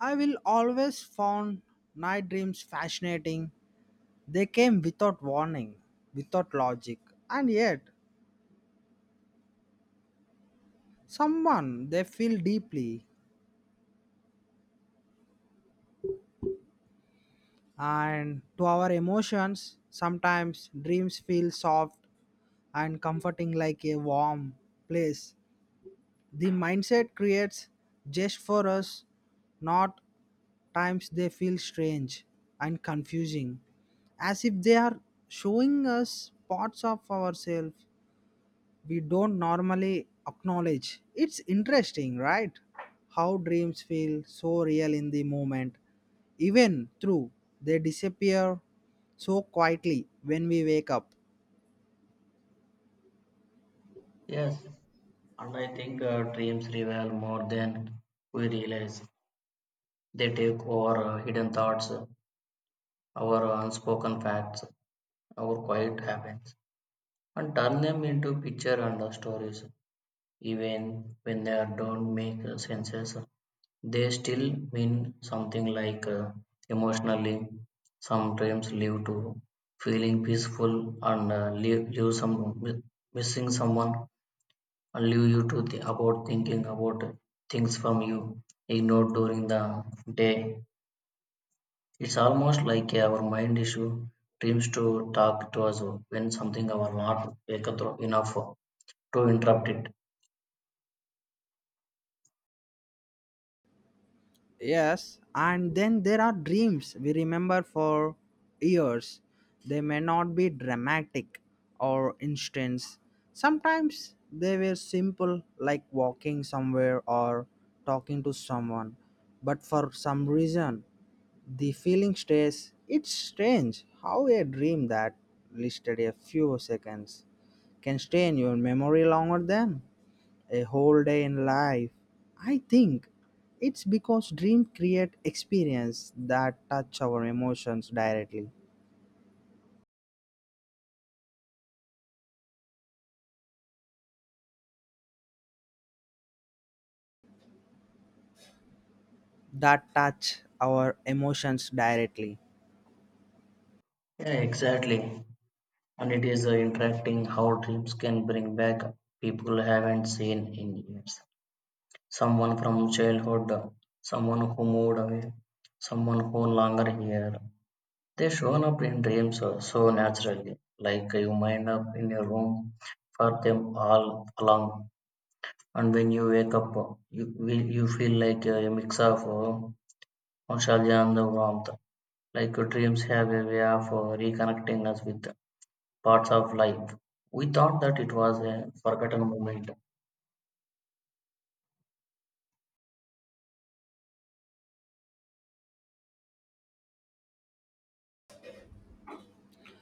I will always found night dreams fascinating. They came without warning, without logic, and yet someone they feel deeply. And to our emotions, sometimes dreams feel soft and comforting like a warm place the mindset creates just for us, not times they feel strange and confusing, as if they are showing us parts of ourselves we don't normally acknowledge. It's interesting, right? How dreams feel so real in the moment, even through they disappear so quietly when we wake up. Yes, and I think dreams reveal more than we realize. They take over hidden thoughts, our unspoken facts, our quiet habits, and turn them into picture and stories. Even when don't make senses, they still mean something like emotionally. Some dreams lead to feeling peaceful and leave some missing someone. I'll leave you to about thinking about things from you ignored during the day. It's almost like our mind issue dreams to talk to us when something our not wake up enough to interrupt it. Yes, and then there are dreams we remember for years. They may not be dramatic or instance. Sometimes they were simple, like walking somewhere or talking to someone. But for some reason, the feeling stays. It's strange how a dream that lasted a few seconds can stay in your memory longer than a whole day in life. I think it's because dreams create experience that touch our emotions directly. That touch our emotions directly. Yeah, exactly. And it is interacting how dreams can bring back people haven't seen in years. Someone from childhood, someone who moved away, someone who no longer here. They shown up in dreams so naturally, like you wind up in a room for them all along. And when you wake up, you feel like a mix of nostalgia and the warmth. Like dreams have a way of reconnecting us with parts of life. We thought that it was a forgotten moment.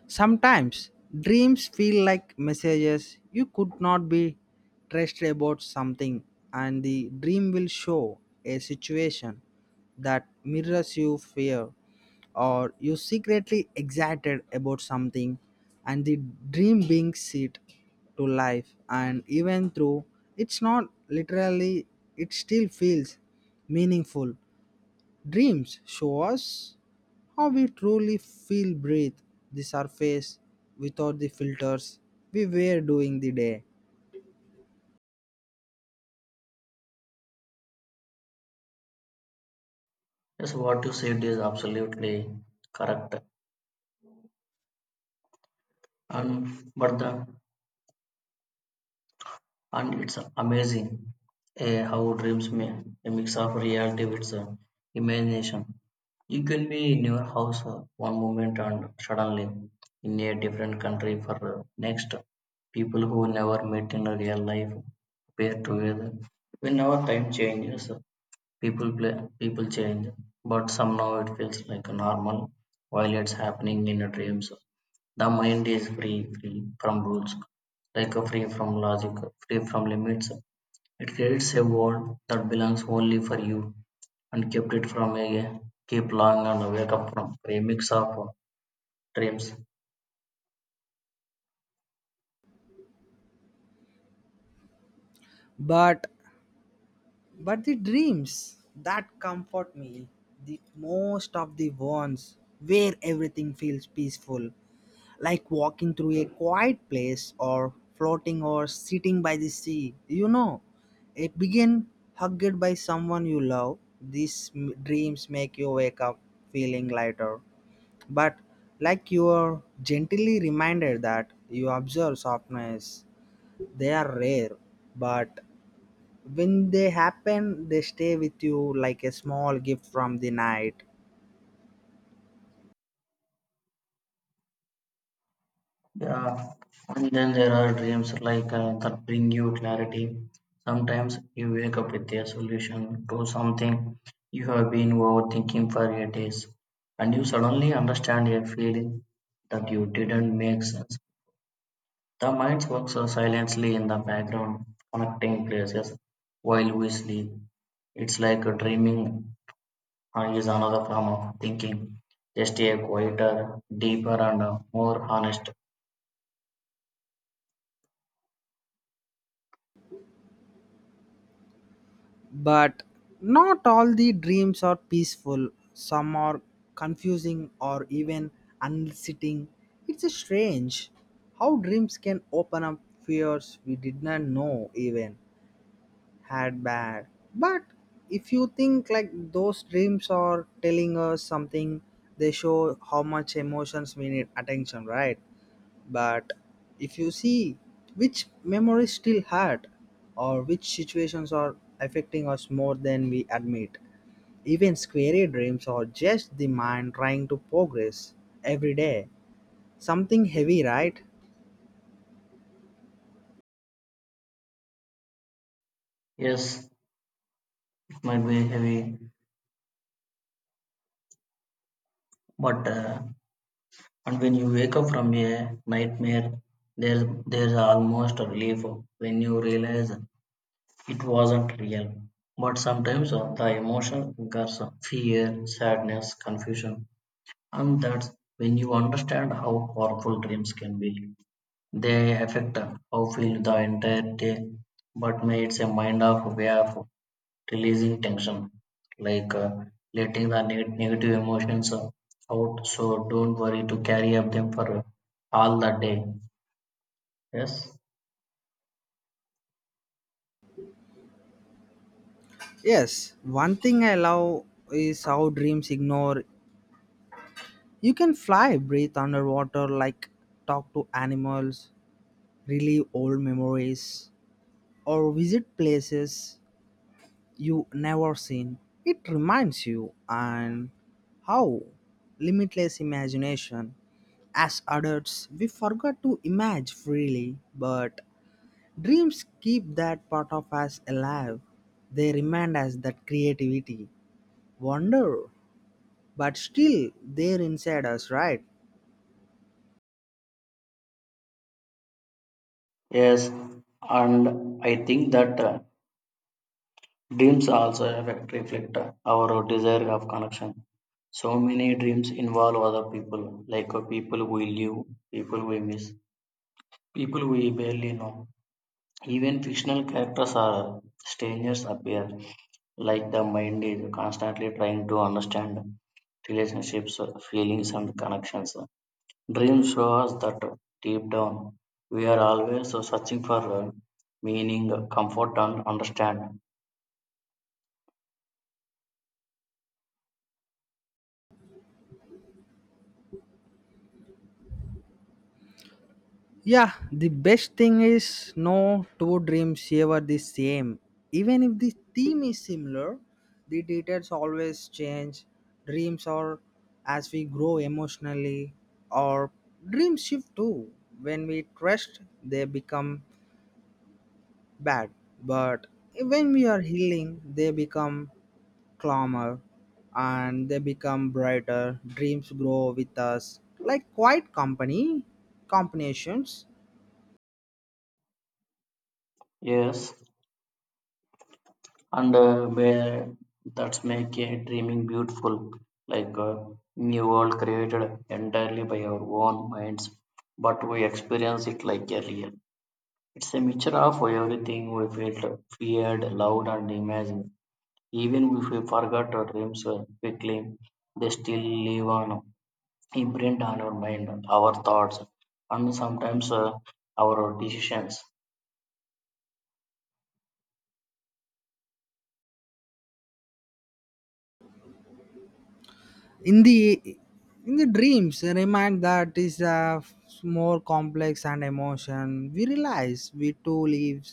Sometimes dreams feel like messages you could not be trusted about something, and the dream will show a situation that mirrors your fear or you secretly excited about something and the dream brings it to life and even though it's not literally it still feels meaningful dreams show us how we truly feel breathe the surface without the filters we wear during the day Yes, what you said is absolutely correct. And but the and it's amazing how dreams may a mix of reality with imagination. You can be in your house one moment and suddenly in a different country for next. People who never met in a real life appear together. Whenever time changes, people play, people change, but somehow it feels like a normal while it's happening in a dreams. The mind is free, free from rules, like a free from logic, free from limits. It creates a world that belongs only for you and kept it from a keep long and wake up from a mix of dreams. but but the dreams that comfort me the most of the ones where everything feels peaceful like walking through a quiet place or floating or sitting by the sea you know it begin hugged by someone you love these dreams make you wake up feeling lighter. But like you are gently reminded that you observe softness, they are rare, but when they happen, they stay with you like a small gift from the night. Yeah, and then there are dreams like that bring you clarity. Sometimes you wake up with a solution to something you have been overthinking for your days, and you suddenly understand a feeling that you didn't make sense. The mines work silently in the background, connecting places while we sleep. It's like dreaming is another form of thinking, just a quieter, deeper, and more honest. But not all the dreams are peaceful, some are confusing or even unsettling. It's strange how dreams can open up fears we did not know even. Had bad. But if you think like those dreams are telling us something, they show how much emotions we need attention, right? But if you see which memories still hurt or which situations are affecting us more than we admit, even scary dreams are just the mind trying to progress every day. Something heavy, right? Yes, it might be heavy, but and when you wake up from a nightmare, there's almost a relief when you realize it wasn't real. But sometimes the emotion occurs fear, sadness, confusion. And that's when you understand how powerful dreams can be. They affect how feel the entire day, but may it's a mind of way of releasing tension, like letting the negative emotions out. So don't worry to carry up them for all the day. Yes. Yes, one thing I love is how dreams ignore. You can fly, breathe underwater, like talk to animals, relive old memories, or visit places you never seen. It reminds you and how limitless imagination. As adults, we forgot to imagine freely, but dreams keep that part of us alive. They remind us that creativity, wonder, but still they're inside us, right? Yes, and I think that dreams also affect reflect our desire of connection. So many dreams involve other people, like people we live, people we miss, people we barely know. Even fictional characters or strangers appear, like the mind is constantly trying to understand relationships, feelings, and connections. Dreams show us that deep down we are always searching for meaning, comfort, and understand. Yeah, the best thing is no two dreams ever the same. Even if the theme is similar, the details always change. Dreams are as we grow emotionally, or dreams shift too. When we trust, they become bad. But when we are healing, they become calmer and they become brighter. Dreams grow with us like quiet company combinations Yes, and that's make a dreaming beautiful, like new world created entirely by our own minds, but we experience it like a real. It's a mixture of everything we felt, feared, loved, and imagined. Even if we forgot our dreams quickly, they still live on imprint on our mind, our thoughts, and sometimes our decisions. in the in the dreams a remind that is a more complex and emotion we realize we two lives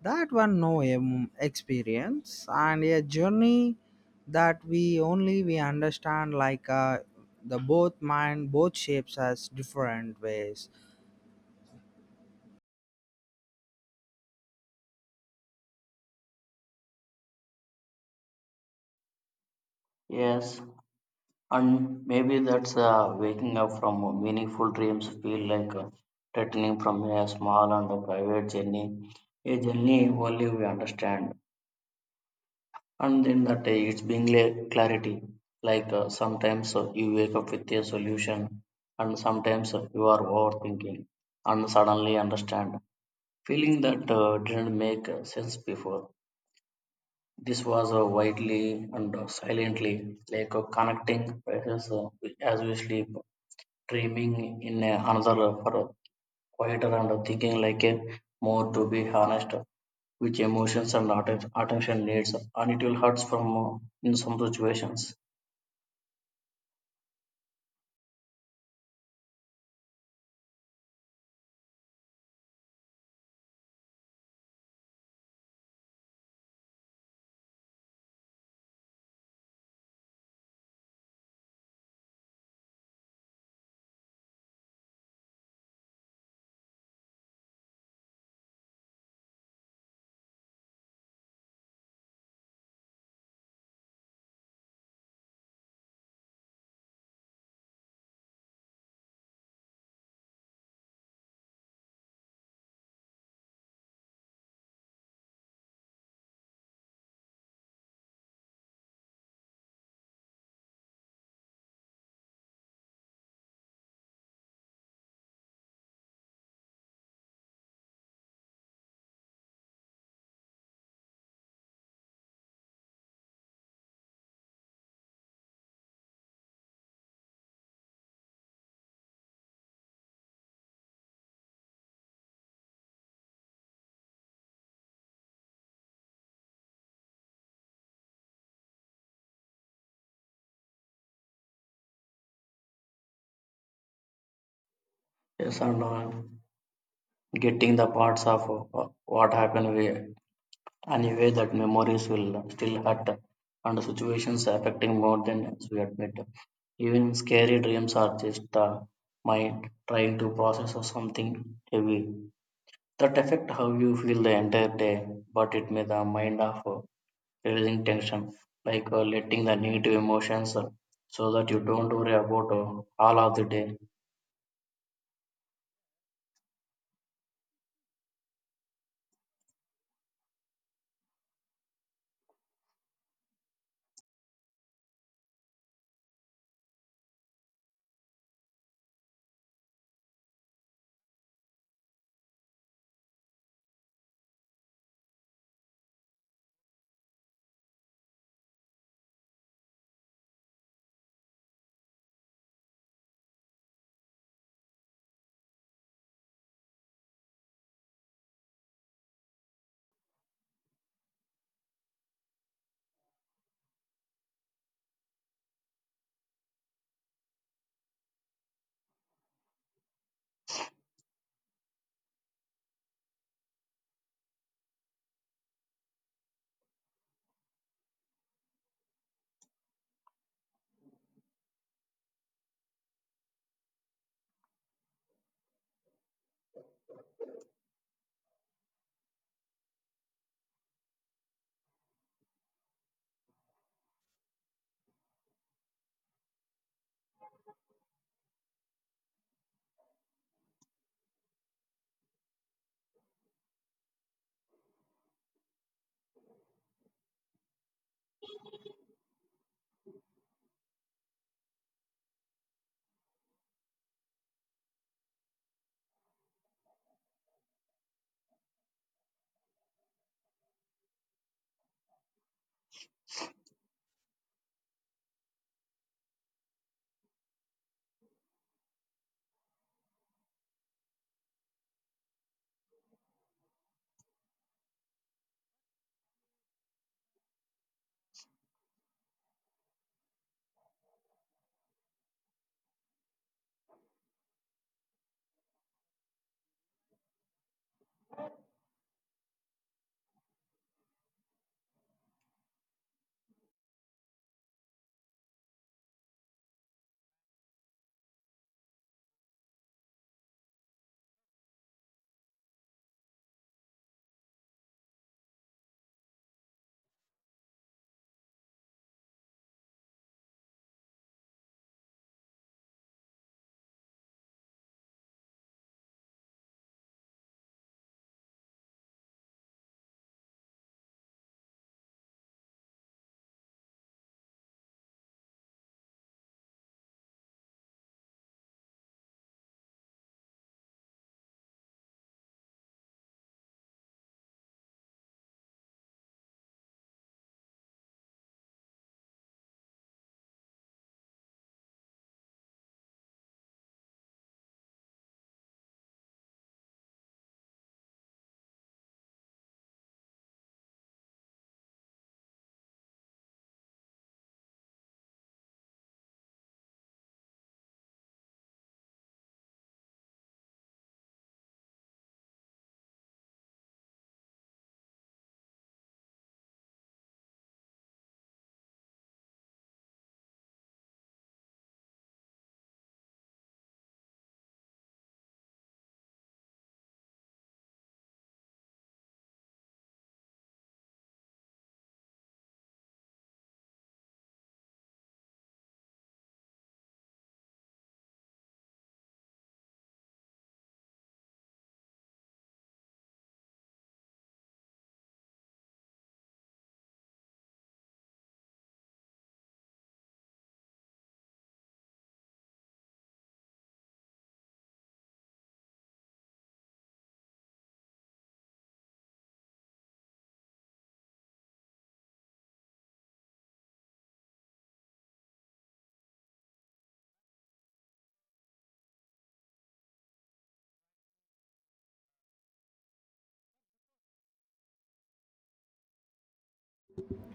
that one no experience and a journey that we only we understand like the both mind both shapes as different ways. Yes. And maybe that's waking up from meaningful dreams feel like returning from a small and a private journey, a journey only we understand. And then that it's being clarity. Like sometimes you wake up with a solution, and sometimes you are overthinking and suddenly understand. Feeling that didn't make sense before. This was widely and silently like connecting as we sleep, dreaming in a another for quieter and thinking like a more to be honest, which emotions and attention needs and it will hurts from in some situations. Yes, and getting the parts of uh, what happened we anyway that memories will still hurt and situations affecting more than we admit. Even scary dreams are just the mind trying to process of something heavy that affect how you feel the entire day, but it may the mind of releasing tension, like letting the negative emotions so that you don't worry about all of the day.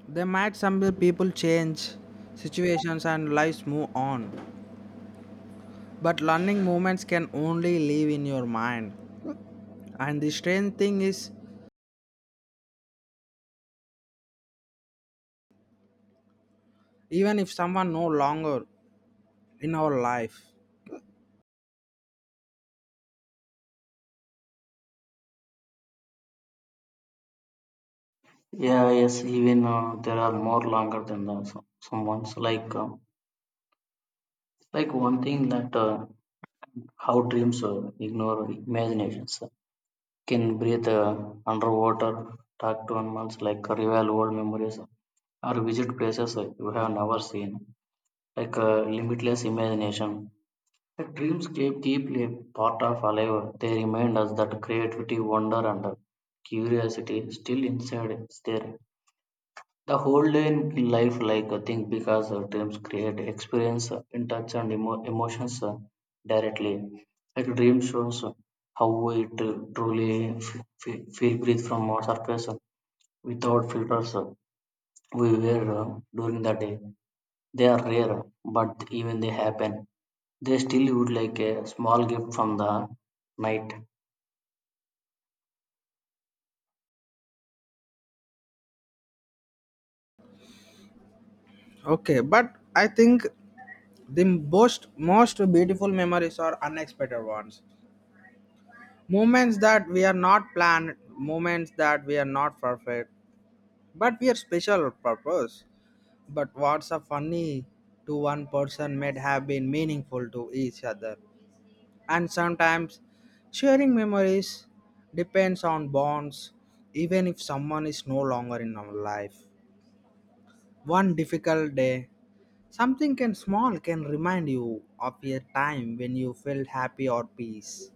They might some people change situations and lives move on but learning moments can only live in your mind and the strange thing is even if someone no longer in our life. Yeah, yes, even there are more longer than the some ones, like one thing that how dreams ignore imaginations can breathe underwater, talk to animals, like revive old memories or visit places you have never seen, like limitless imagination. The dreams keep deeply part of alive. They remind us that creativity, wonder, and curiosity still inside is there. The whole day in life, like I think, because dreams create experience, in touch, and emotions directly. Like dream shows how it truly f- feel breathe from our surface without filters. We wear during the day. They are rare, but even they happen they still would like a small gift from the night. Okay, but I think the most beautiful memories are unexpected ones, moments that we are not planned, moments that we are not perfect but we are special purpose. But what's a funny to one person may have been meaningful to each other, and sometimes sharing memories depends on bonds. Even if someone is no longer in our life, one difficult day, something can small can remind you of a time when you felt happy or peace.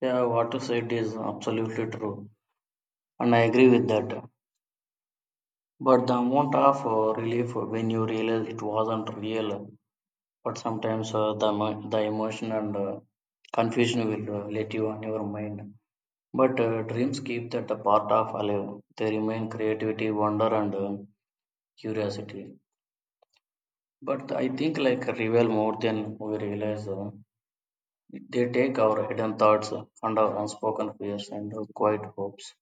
Yeah, what you said is absolutely true, and I agree with that. But the amount of relief when you realize it wasn't real, but sometimes the the emotion and confusion will let you on your mind. But dreams keep that part of alive. They remain creativity, wonder, and curiosity. But I think like reveal more than we realize. They take our hidden thoughts and our unspoken fears and our quiet hopes.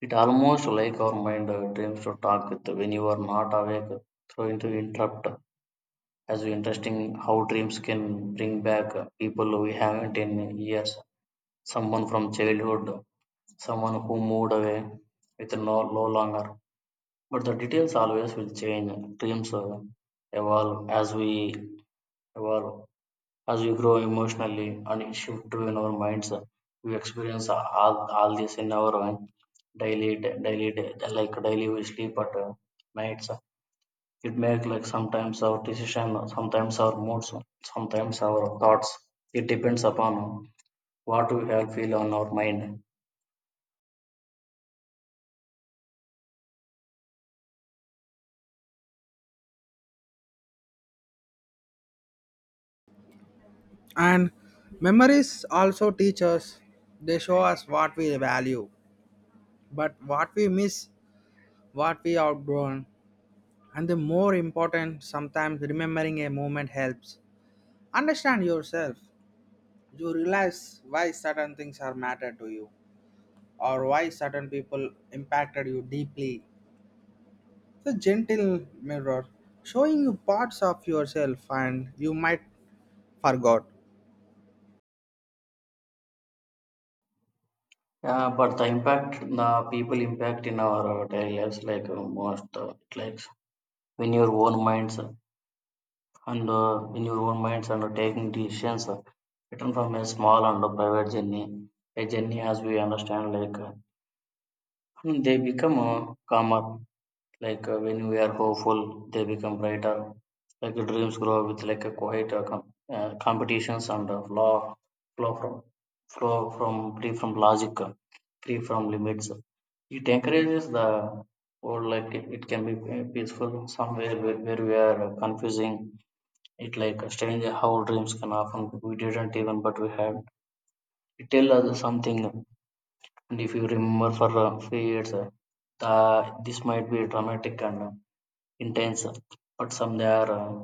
It almost like our mind dreams to talk with when you are not awake, throwing to interrupt. As interesting how dreams can bring back people we haven't in years, someone from childhood, someone who moved away with no longer. But the details always will change. Dreams evolve as we evolve, as we grow emotionally and it shift to in our minds. We experience all this in our own daily daily like daily we sleep at nights. It make like sometimes our decision, sometimes our moods, sometimes our thoughts. It depends upon what we have feel on our mind. And memories also teach us. They show us what we value, but what we miss, what we outgrown. And the more important, sometimes remembering a moment helps. Understand yourself. You realize why certain things are matter to you or why certain people impacted you deeply. It's a gentle mirror showing you parts of yourself and you might forgot. Yeah, but the impact the people impact in our daily lives like most like when your own minds and in your own minds and taking decisions written from a small and a private journey, a journey as we understand, like and they become calmer. Like when we are hopeful, they become brighter. Like dreams grow with like a quiet competitions and flow from flow from free from logic, free from limits. It encourages the or like it can be peaceful somewhere where we are confusing it like strange how dreams can often we didn't even but we had. It tell us something, and if you remember for a few years, this might be dramatic and intense, but some they are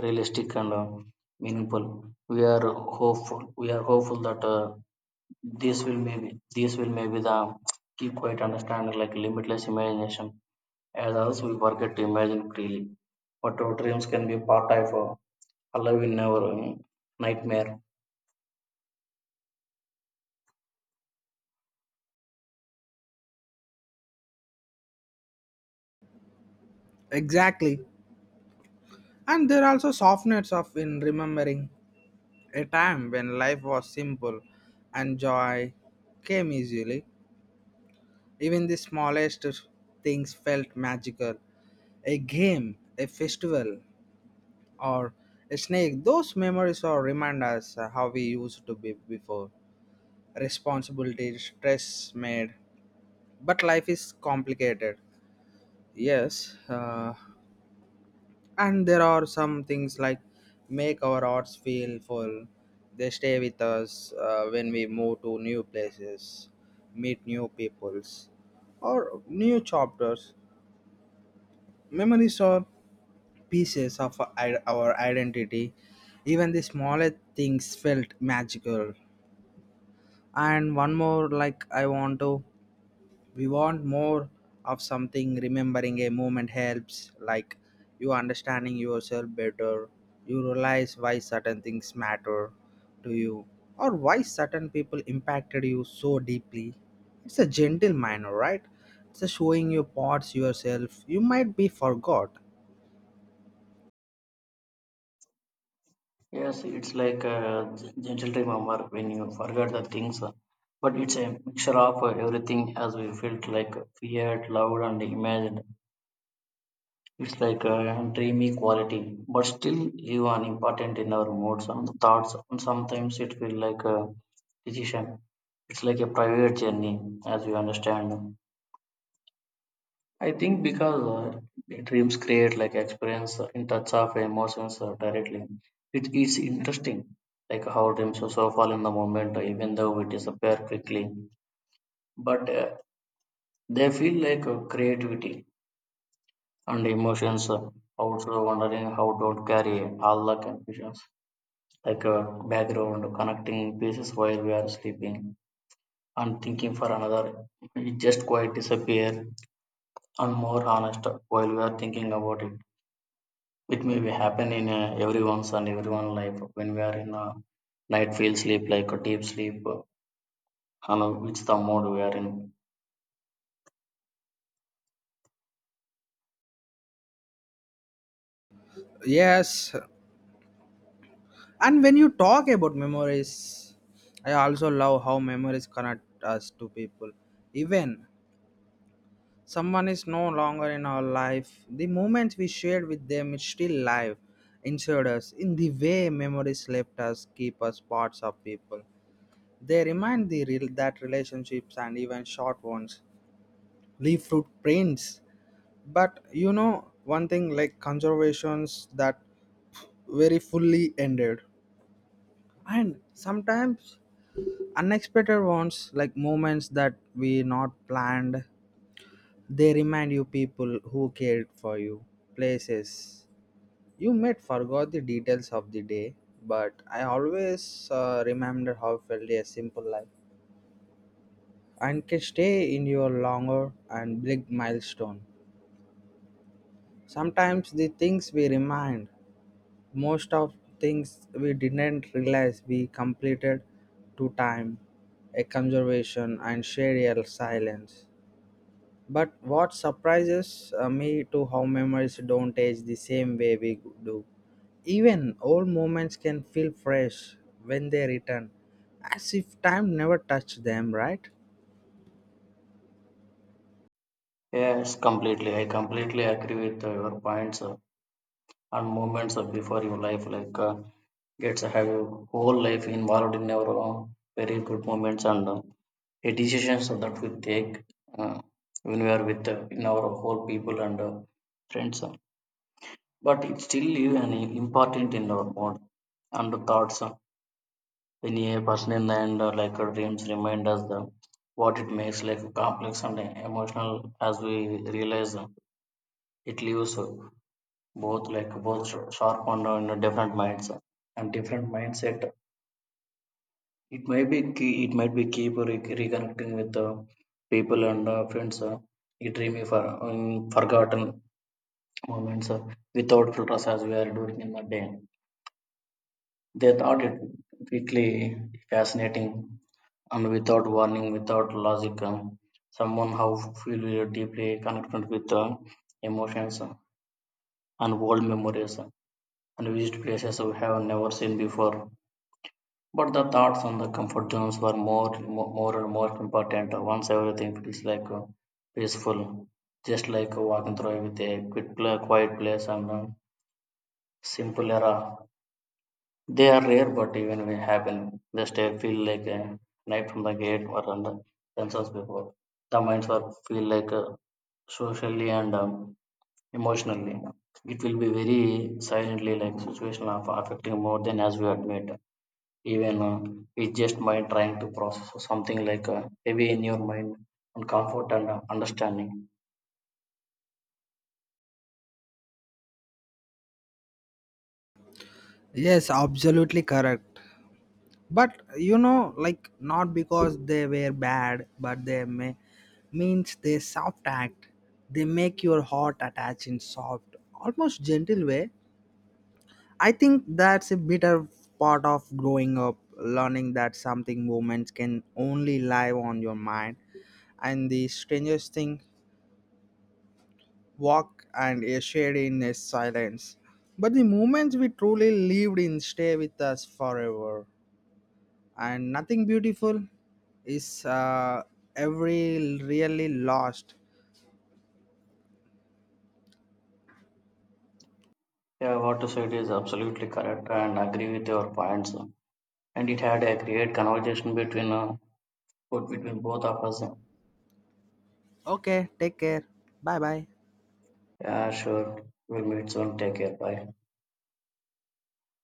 realistic and meaningful. We are hopeful. We are hopeful that this will maybe the keep quite understanding like limitless imagination. As others, we forget to imagine freely. But our dreams can be part of alive in our nightmare. Exactly. And there are also softness of in remembering a time when life was simple and joy came easily. Even the smallest things felt magical. A game, a festival, or a snake. Those memories are remind us how we used to be before. Responsibility, stress made. But life is complicated. Yes. And there are some things like make our hearts feel full, they stay with us when we move to new places, meet new peoples or new chapters. Memories are pieces of our identity, even the smallest things felt magical. And one more like I want to, we want more of something, remembering a moment helps like you understanding yourself better, you realize why certain things matter to you or why certain people impacted you so deeply. It's a gentle manner, right? It's a showing you parts yourself you might be forgot. Yes, it's like a gentle remember when you forget the things, but it's a mixture of everything as we felt like feared, loved, and imagined. It's like a dreamy quality, but still you are important in our moods and thoughts, and sometimes it feels like a decision. It's like a private journey, as you understand. I think because dreams create like experience in touch of emotions directly. It is interesting, like how dreams are so fall in the moment, even though we disappear quickly. But they feel like creativity and emotions. Also wondering how don't carry all the confusions, like background connecting pieces while we are sleeping and thinking for another. It just quite disappear and more honest while we are thinking about it. It may be happen in everyone's and everyone life when we are in a light feel sleep like a deep sleep you know which the mode we are in. Yes, and when you talk about memories, I also love how memories connect us to people, even someone is no longer in our life. The moments we shared with them is still live inside us. In the way memories left us, keep us parts of people. They remind the real that relationships and even short ones leave footprints. But you know one thing like conservations that very fully ended, and sometimes unexpected ones like moments that we not planned. They remind you people who cared for you, places. You met, forgot the details of the day, but I always remember how felt a simple life and can stay in your longer and big milestone. Sometimes the things we remind, most of things we didn't realize we completed to time, a conservation and share your silence. But what surprises me to how memories don't age the same way we do. Even old moments can feel fresh when they return, as if time never touched them, right? Yes, completely. I completely agree with your points and moments before your life like gets have your whole life involved in our own very good moments and a decisions that we take uh, when we are with in our whole people and friends. But it still leave an important in our mode and thoughts. When a person in the end like dreams remind us the what it makes like complex and emotional as we realize it leaves both like both sharp and different minds and different mindset. It may be key, it might be keep re- reconnecting with people and friends. A dreamy for forgotten moments without filters as we are doing in the day. They thought it quickly fascinating and without warning, without logic, someone how feel really deeply connected with the emotions and old memories and visit places we have never seen before. But the thoughts on the comfort zones were more and more important once everything feels like peaceful, just like walking through with a quick, quiet place and a simple era. They are rare, but even when they happen, they stay feel like a knife from the gate or on the themselves before. The minds are feel like socially and emotionally. It will be very silently like situation of affecting more than as we admit. Even it's just mind trying to process something like heavy in your mind and comfort and understanding. Yes, absolutely correct. But you know, like not because they were bad, but they may means they soft act. They make your heart attach in soft, almost gentle way. I think that's a bitter part of growing up, learning that something moments can only live on your mind. And the strangest thing, walk and a shade in a silence. But the moments we truly lived in stay with us forever. And nothing beautiful is every really lost. Yeah, what you said is absolutely correct and agree with your points. And it had a great conversation between put between both of us. Okay, take care. Bye bye. Yeah, sure, we'll meet soon. Take care. Bye.